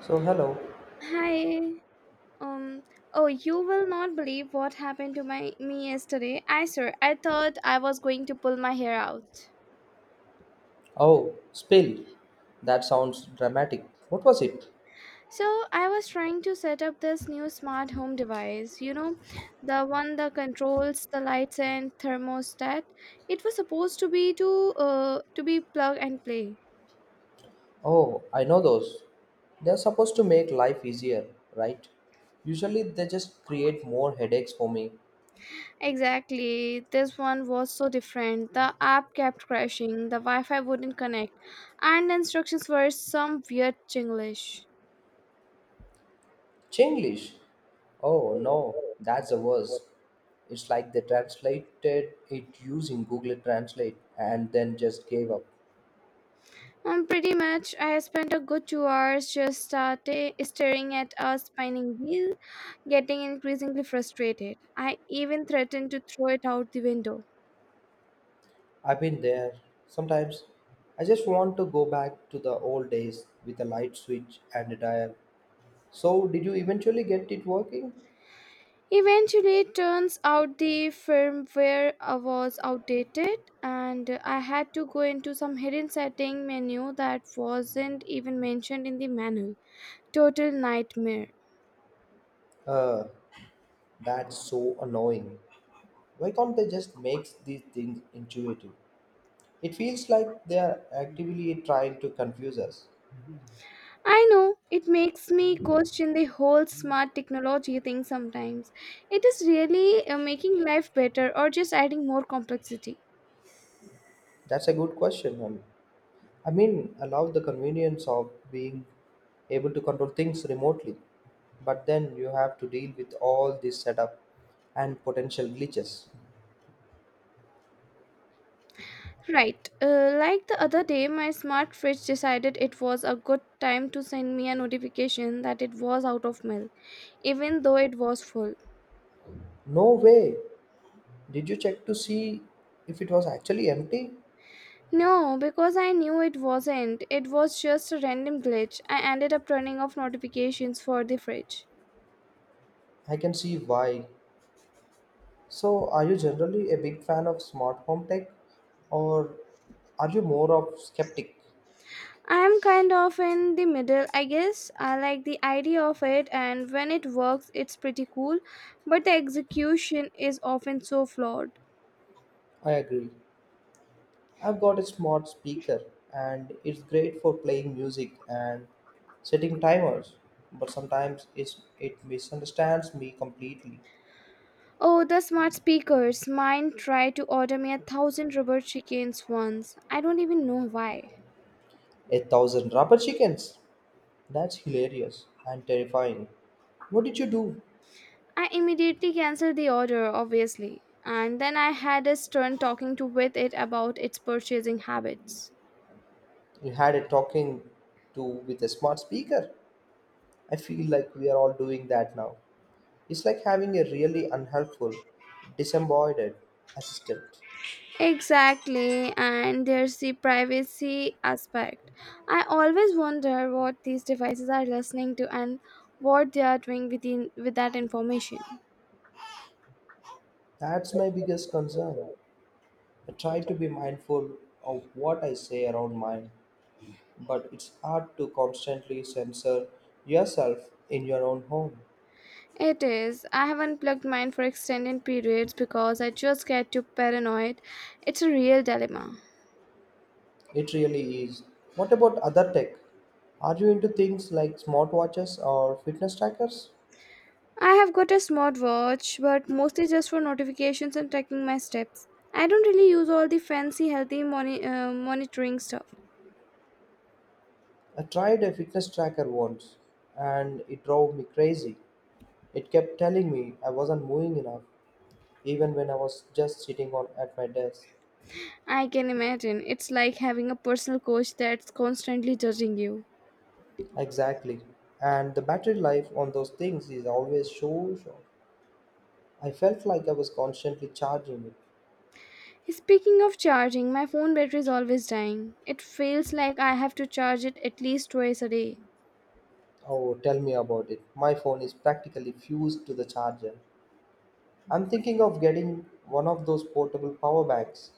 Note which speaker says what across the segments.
Speaker 1: So, hello.
Speaker 2: Hi. Um. Oh, you will not believe what happened to my me yesterday. I swear, I thought I was going to pull my hair out.
Speaker 1: Oh, spill. That sounds dramatic. What was it?
Speaker 2: So I was trying to set up this new smart home device, you know, the one that controls the lights and thermostat. It was supposed to be plug and play.
Speaker 1: Oh, I know those. They're supposed to make life easier, right? Usually they just create more headaches for me.
Speaker 2: Exactly. This one was so different. The app kept crashing. The Wi-Fi wouldn't connect, and the instructions were some weird Chinglish.
Speaker 1: Chinglish. Oh, no, that's the worst. It's like they translated it using Google Translate and then just gave up.
Speaker 2: Pretty much, I spent a good 2 hours just staring at a spinning wheel, getting increasingly frustrated. I even threatened to throw it out the window.
Speaker 1: I've been there. Sometimes I just want to go back to the old days with a light switch and a dial. So, did you eventually get it working?
Speaker 2: Eventually, it turns out the firmware was outdated, and I had to go into some hidden setting menu that wasn't even mentioned in the manual. Total nightmare.
Speaker 1: Uh, that's so annoying. Why can't they just make these things intuitive? It feels like they are actively trying to confuse us.
Speaker 2: I know, it makes me question the whole smart technology thing sometimes. It is really making life better or just adding more complexity.
Speaker 1: That's a good question. I mean, allow the convenience of being able to control things remotely, but then you have to deal with all this setup and potential glitches.
Speaker 2: Right. Like the other day, my smart fridge decided it was a good time to send me a notification that it was out of milk, even though it was full.
Speaker 1: No way! Did you check to see if it was actually empty?
Speaker 2: No, because I knew it wasn't. It was just a random glitch. I ended up turning off notifications for the fridge.
Speaker 1: I can see why. So, are you generally a big fan of smart home tech, or are you more of skeptic?
Speaker 2: I'm kind of in the middle, I guess. I like the idea of it, and when it works, it's pretty cool, but the execution is often so flawed.
Speaker 1: I agree. I've got a smart speaker and it's great for playing music and setting timers, but sometimes it misunderstands me completely.
Speaker 2: Oh, the smart speakers. Mine tried to order me a thousand rubber chickens once. I don't even know why.
Speaker 1: A thousand rubber chickens? That's hilarious and terrifying. What did you do?
Speaker 2: I immediately canceled the order, obviously, and then I had a stern talking to with it about its purchasing habits.
Speaker 1: You had a talking to with a smart speaker. I feel like we are all doing that now. It's like having a really unhelpful, disembodied assistant.
Speaker 2: Exactly, and there's the privacy aspect. I always wonder what these devices are listening to and what they are doing with that information.
Speaker 1: That's my biggest concern. I try to be mindful of what I say around mine, but it's hard to constantly censor yourself in your own home.
Speaker 2: It is. I have unplugged mine for extended periods because I just get too paranoid. It's a real dilemma.
Speaker 1: It really is. What about other tech? Are you into things like smartwatches or fitness trackers?
Speaker 2: I have got a smartwatch, but mostly just for notifications and tracking my steps. I don't really use all the fancy healthy monitoring stuff.
Speaker 1: I tried a fitness tracker once and it drove me crazy. It kept telling me I wasn't moving enough even when I was just sitting on at my desk.
Speaker 2: I can imagine. It's like having a personal coach that's constantly judging you.
Speaker 1: Exactly. And the battery life on those things is always so short. I felt like I was constantly charging it.
Speaker 2: Speaking of charging, my phone battery is always dying. It feels like I have to charge it at least twice a day.
Speaker 1: Oh, tell me about it. My phone is practically fused to the charger. I'm thinking of getting one of those portable power banks.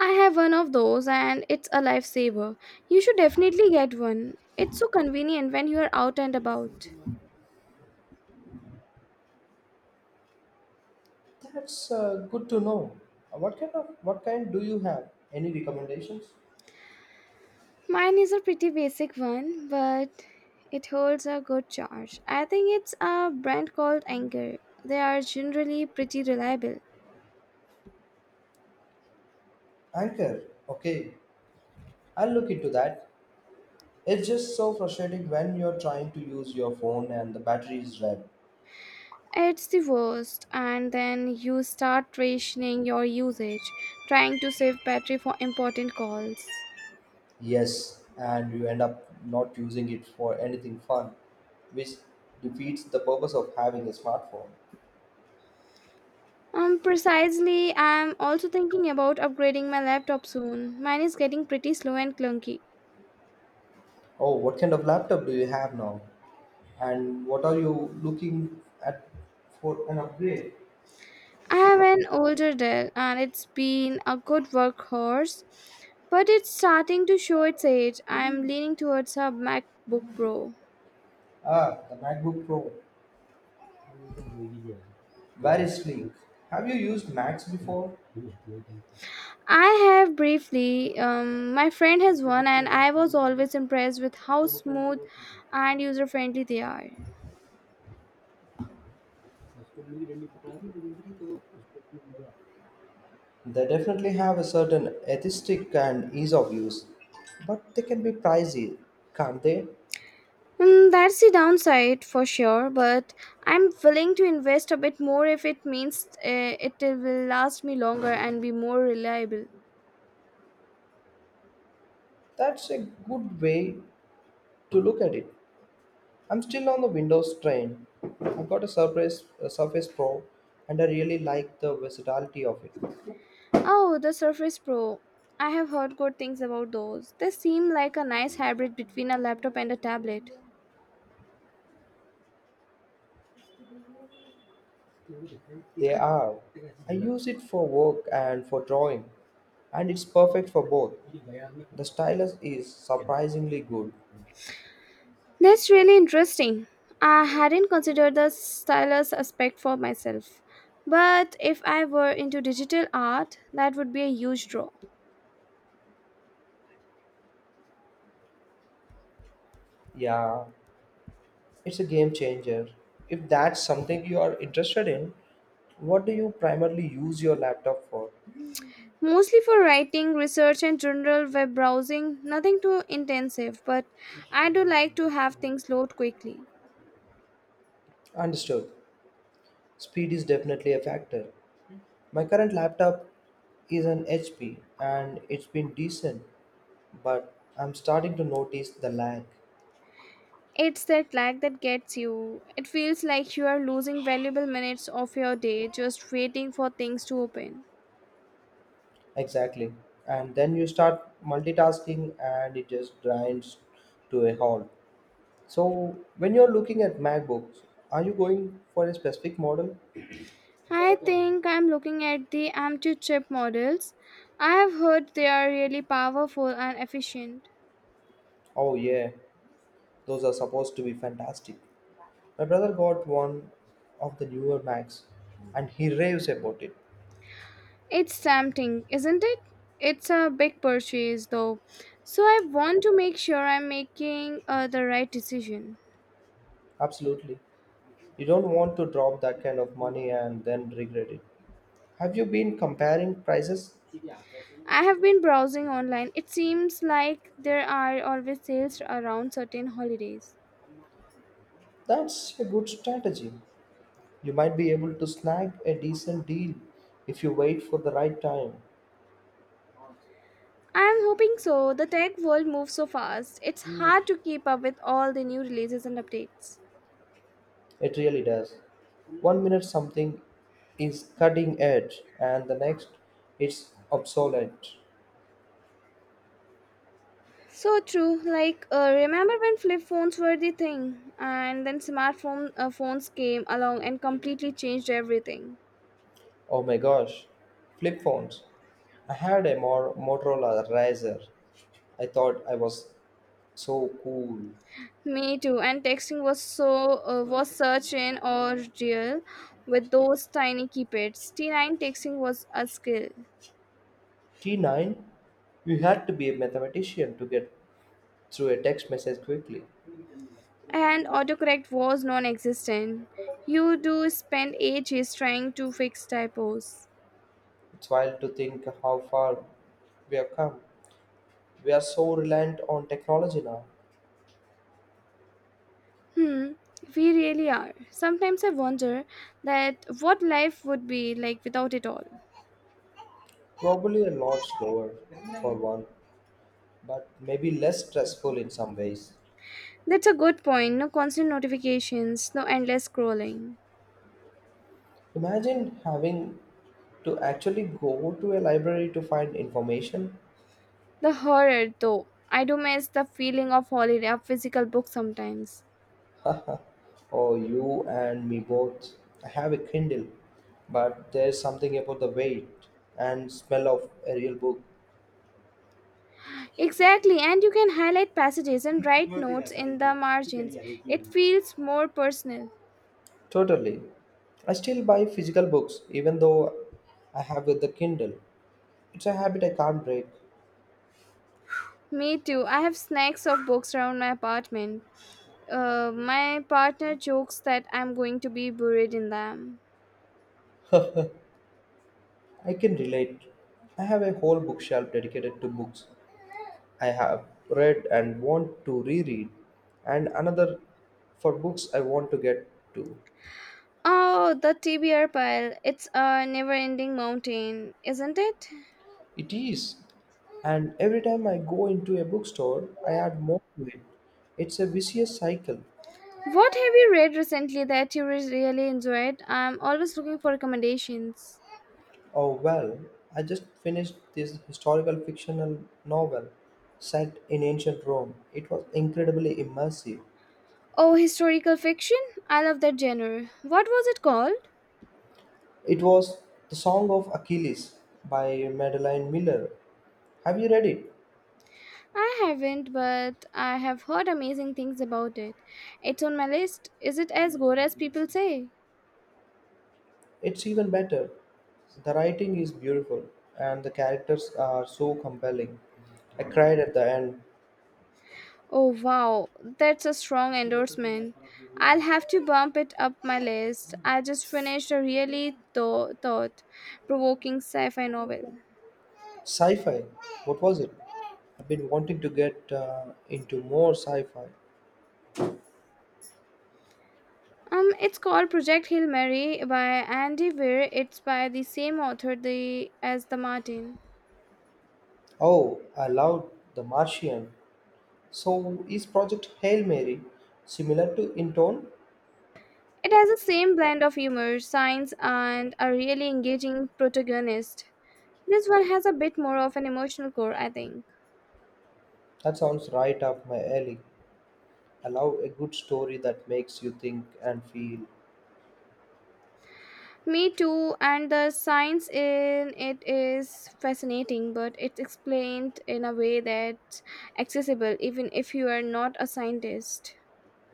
Speaker 2: I have one of those, and it's a lifesaver. You should definitely get one. It's so convenient when you're out and about.
Speaker 1: That's good to know. What kind do you have? Any recommendations?
Speaker 2: Mine is a pretty basic one, but it holds a good charge. I think it's a brand called Anchor. They are generally pretty reliable.
Speaker 1: Anchor. Okay, I'll look into that. It's just so frustrating when you're trying to use your phone and the battery is dead.
Speaker 2: It's the worst, and then you start rationing your usage, trying to save battery for important calls.
Speaker 1: Yes, and you end up not using it for anything fun, which defeats the purpose of having a smartphone.
Speaker 2: Precisely, I'm also thinking about upgrading my laptop soon. Mine is getting pretty slow and clunky.
Speaker 1: Oh, what kind of laptop do you have now? And what are you looking at for an upgrade?
Speaker 2: I have an older Dell, and it's been a good workhorse, but it's starting to show its age. I'm leaning towards a MacBook Pro.
Speaker 1: Ah, the MacBook Pro. Very sleek. Have you used Macs before?
Speaker 2: I have briefly. My friend has one, and I was always impressed with how smooth and user friendly they are.
Speaker 1: They definitely have a certain aesthetic and ease of use, but they can be pricey, can't they?
Speaker 2: Mm, that's the downside for sure, but I'm willing to invest a bit more if it means it will last me longer and be more reliable.
Speaker 1: That's a good way to look at it. I'm still on the Windows train. I got a Surface Pro, and I really like the versatility of it.
Speaker 2: Oh, the Surface Pro. I have heard good things about those. They seem like a nice hybrid between a laptop and a tablet.
Speaker 1: They are. I use it for work and for drawing, and it's perfect for both. The stylus is surprisingly good.
Speaker 2: That's really interesting. I hadn't considered the stylus aspect for myself, but if I were into digital art, that would be a huge draw.
Speaker 1: Yeah, it's a game changer. If that's something you are interested in, what do you primarily use your laptop for?
Speaker 2: Mostly for writing, research, and general web browsing, nothing too intensive, but I do like to have things load quickly.
Speaker 1: Understood. Speed is definitely a factor. My current laptop is an HP and it's been decent, but I'm starting to notice the lag.
Speaker 2: It's that lag that gets you. It feels like you are losing valuable minutes of your day just waiting for things to open.
Speaker 1: Exactly. And then you start multitasking and it just grinds to a halt. So when you're looking at MacBooks, are you going for a specific model?
Speaker 2: I think I'm looking at the Amtu chip models. I have heard they are really powerful and efficient.
Speaker 1: Oh yeah, those are supposed to be fantastic. My brother got one of the newer Macs and he raves about it.
Speaker 2: It's tempting, isn't it? It's a big purchase though, so I want to make sure I'm making the right decision.
Speaker 1: Absolutely. You don't want to drop that kind of money and then regret it. Have you been comparing prices?
Speaker 2: I have been browsing online. It seems like there are always sales around certain holidays.
Speaker 1: That's a good strategy. You might be able to snag a decent deal if you wait for the right time.
Speaker 2: I'm hoping so. The tech world moves so fast, it's hard to keep up with all the new releases and updates.
Speaker 1: It really does. One minute something is cutting edge, and the next it's obsolete.
Speaker 2: So true. Like, remember when flip phones were the thing, and then smartphone phones came along and completely changed everything.
Speaker 1: Oh my gosh. Flip phones. I had a Motorola Razr. I thought I was so cool.
Speaker 2: Me too. And texting was was such an ordeal with those tiny keypads. T9 texting was a skill,
Speaker 1: T9? You had to be a mathematician to get through a text message quickly.
Speaker 2: and autocorrect was non-existent. You do spend ages trying to fix typos.
Speaker 1: It's wild to think how far we have come. We are so reliant on technology now.
Speaker 2: Hmm. We really are. Sometimes I wonder that what life would be like without it all.
Speaker 1: Probably a lot slower, for one, but maybe less stressful in some ways.
Speaker 2: That's a good point. No constant notifications, no endless scrolling.
Speaker 1: Imagine having to actually go to a library to find information,
Speaker 2: The horror, though. I do miss the feeling of holiday of physical book sometimes.
Speaker 1: or you and me both. I have a Kindle, but there's something about the weight and smell of a real book.
Speaker 2: Exactly, and you can highlight passages and write notes in the margins. It feels more personal.
Speaker 1: Totally. I still buy physical books, even though I have with the Kindle. It's a habit I can't break.
Speaker 2: Me too. I have snacks of books around my apartment. My partner jokes that I'm going to be buried in them.
Speaker 1: I can relate. I have a whole bookshelf dedicated to books I have read and want to reread, and another for books I want to get to.
Speaker 2: Oh, the TBR pile. It's a never ending mountain, isn't it?
Speaker 1: It is, and every time I go into a bookstore, I add more to it. It's a vicious cycle.
Speaker 2: What have you read recently that you really enjoyed? I'm always looking for recommendations.
Speaker 1: Oh well, I just finished this historical fictional novel set in ancient Rome. It was incredibly immersive.
Speaker 2: Oh, historical fiction? I love that genre. What was it called?
Speaker 1: It was The Song of Achilles by Madeline Miller. Have you read it?
Speaker 2: I haven't, but I have heard amazing things about it. It's on my list. Is it as good as people say?
Speaker 1: It's even better. The writing is beautiful and the characters are so compelling. I cried at the end.
Speaker 2: Oh, wow, that's a strong endorsement. I'll have to bump it up my list. I just finished a really thought provoking sci fi novel.
Speaker 1: Sci fi, what was it? I've been wanting to get into more sci fi.
Speaker 2: It's called Project Hail Mary by Andy Weir. It's by the same author as The Martin.
Speaker 1: Oh, I loved The Martian. So, is Project Hail Mary similar to In Tone?
Speaker 2: It has the same blend of humor, science, and a really engaging protagonist. This one has a bit more of an emotional core, I think.
Speaker 1: That sounds right up my alley. I love a good story that makes you think and feel.
Speaker 2: Me too, and the science in it is fascinating, but it's explained in a way that's accessible even if you are not a scientist.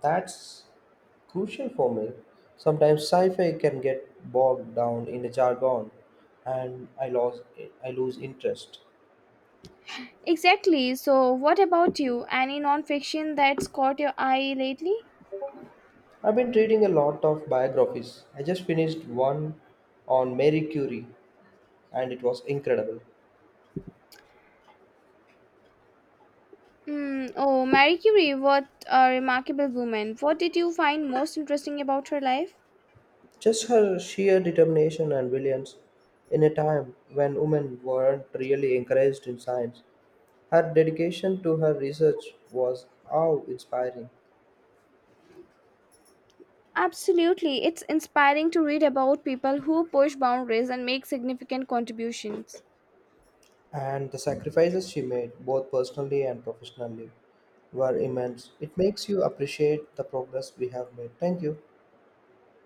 Speaker 1: That's crucial for me. Sometimes sci-fi can get bogged down in the jargon, and I lose interest.
Speaker 2: Exactly. So, what about you? Any nonfiction that's caught your eye lately?
Speaker 1: I've been reading a lot of biographies. I just finished one on Mary Curie, and it was incredible.
Speaker 2: Hmm. Oh, Marie Curie, what a remarkable woman. What did you find most interesting about her life?
Speaker 1: Just her sheer determination and brilliance in a time when women weren't really encouraged in science. Her dedication to her research was awe inspiring.
Speaker 2: Absolutely. It's inspiring to read about people who push boundaries and make significant contributions.
Speaker 1: And the sacrifices she made, both personally and professionally, were immense. It makes you appreciate the progress we have made. Thank you.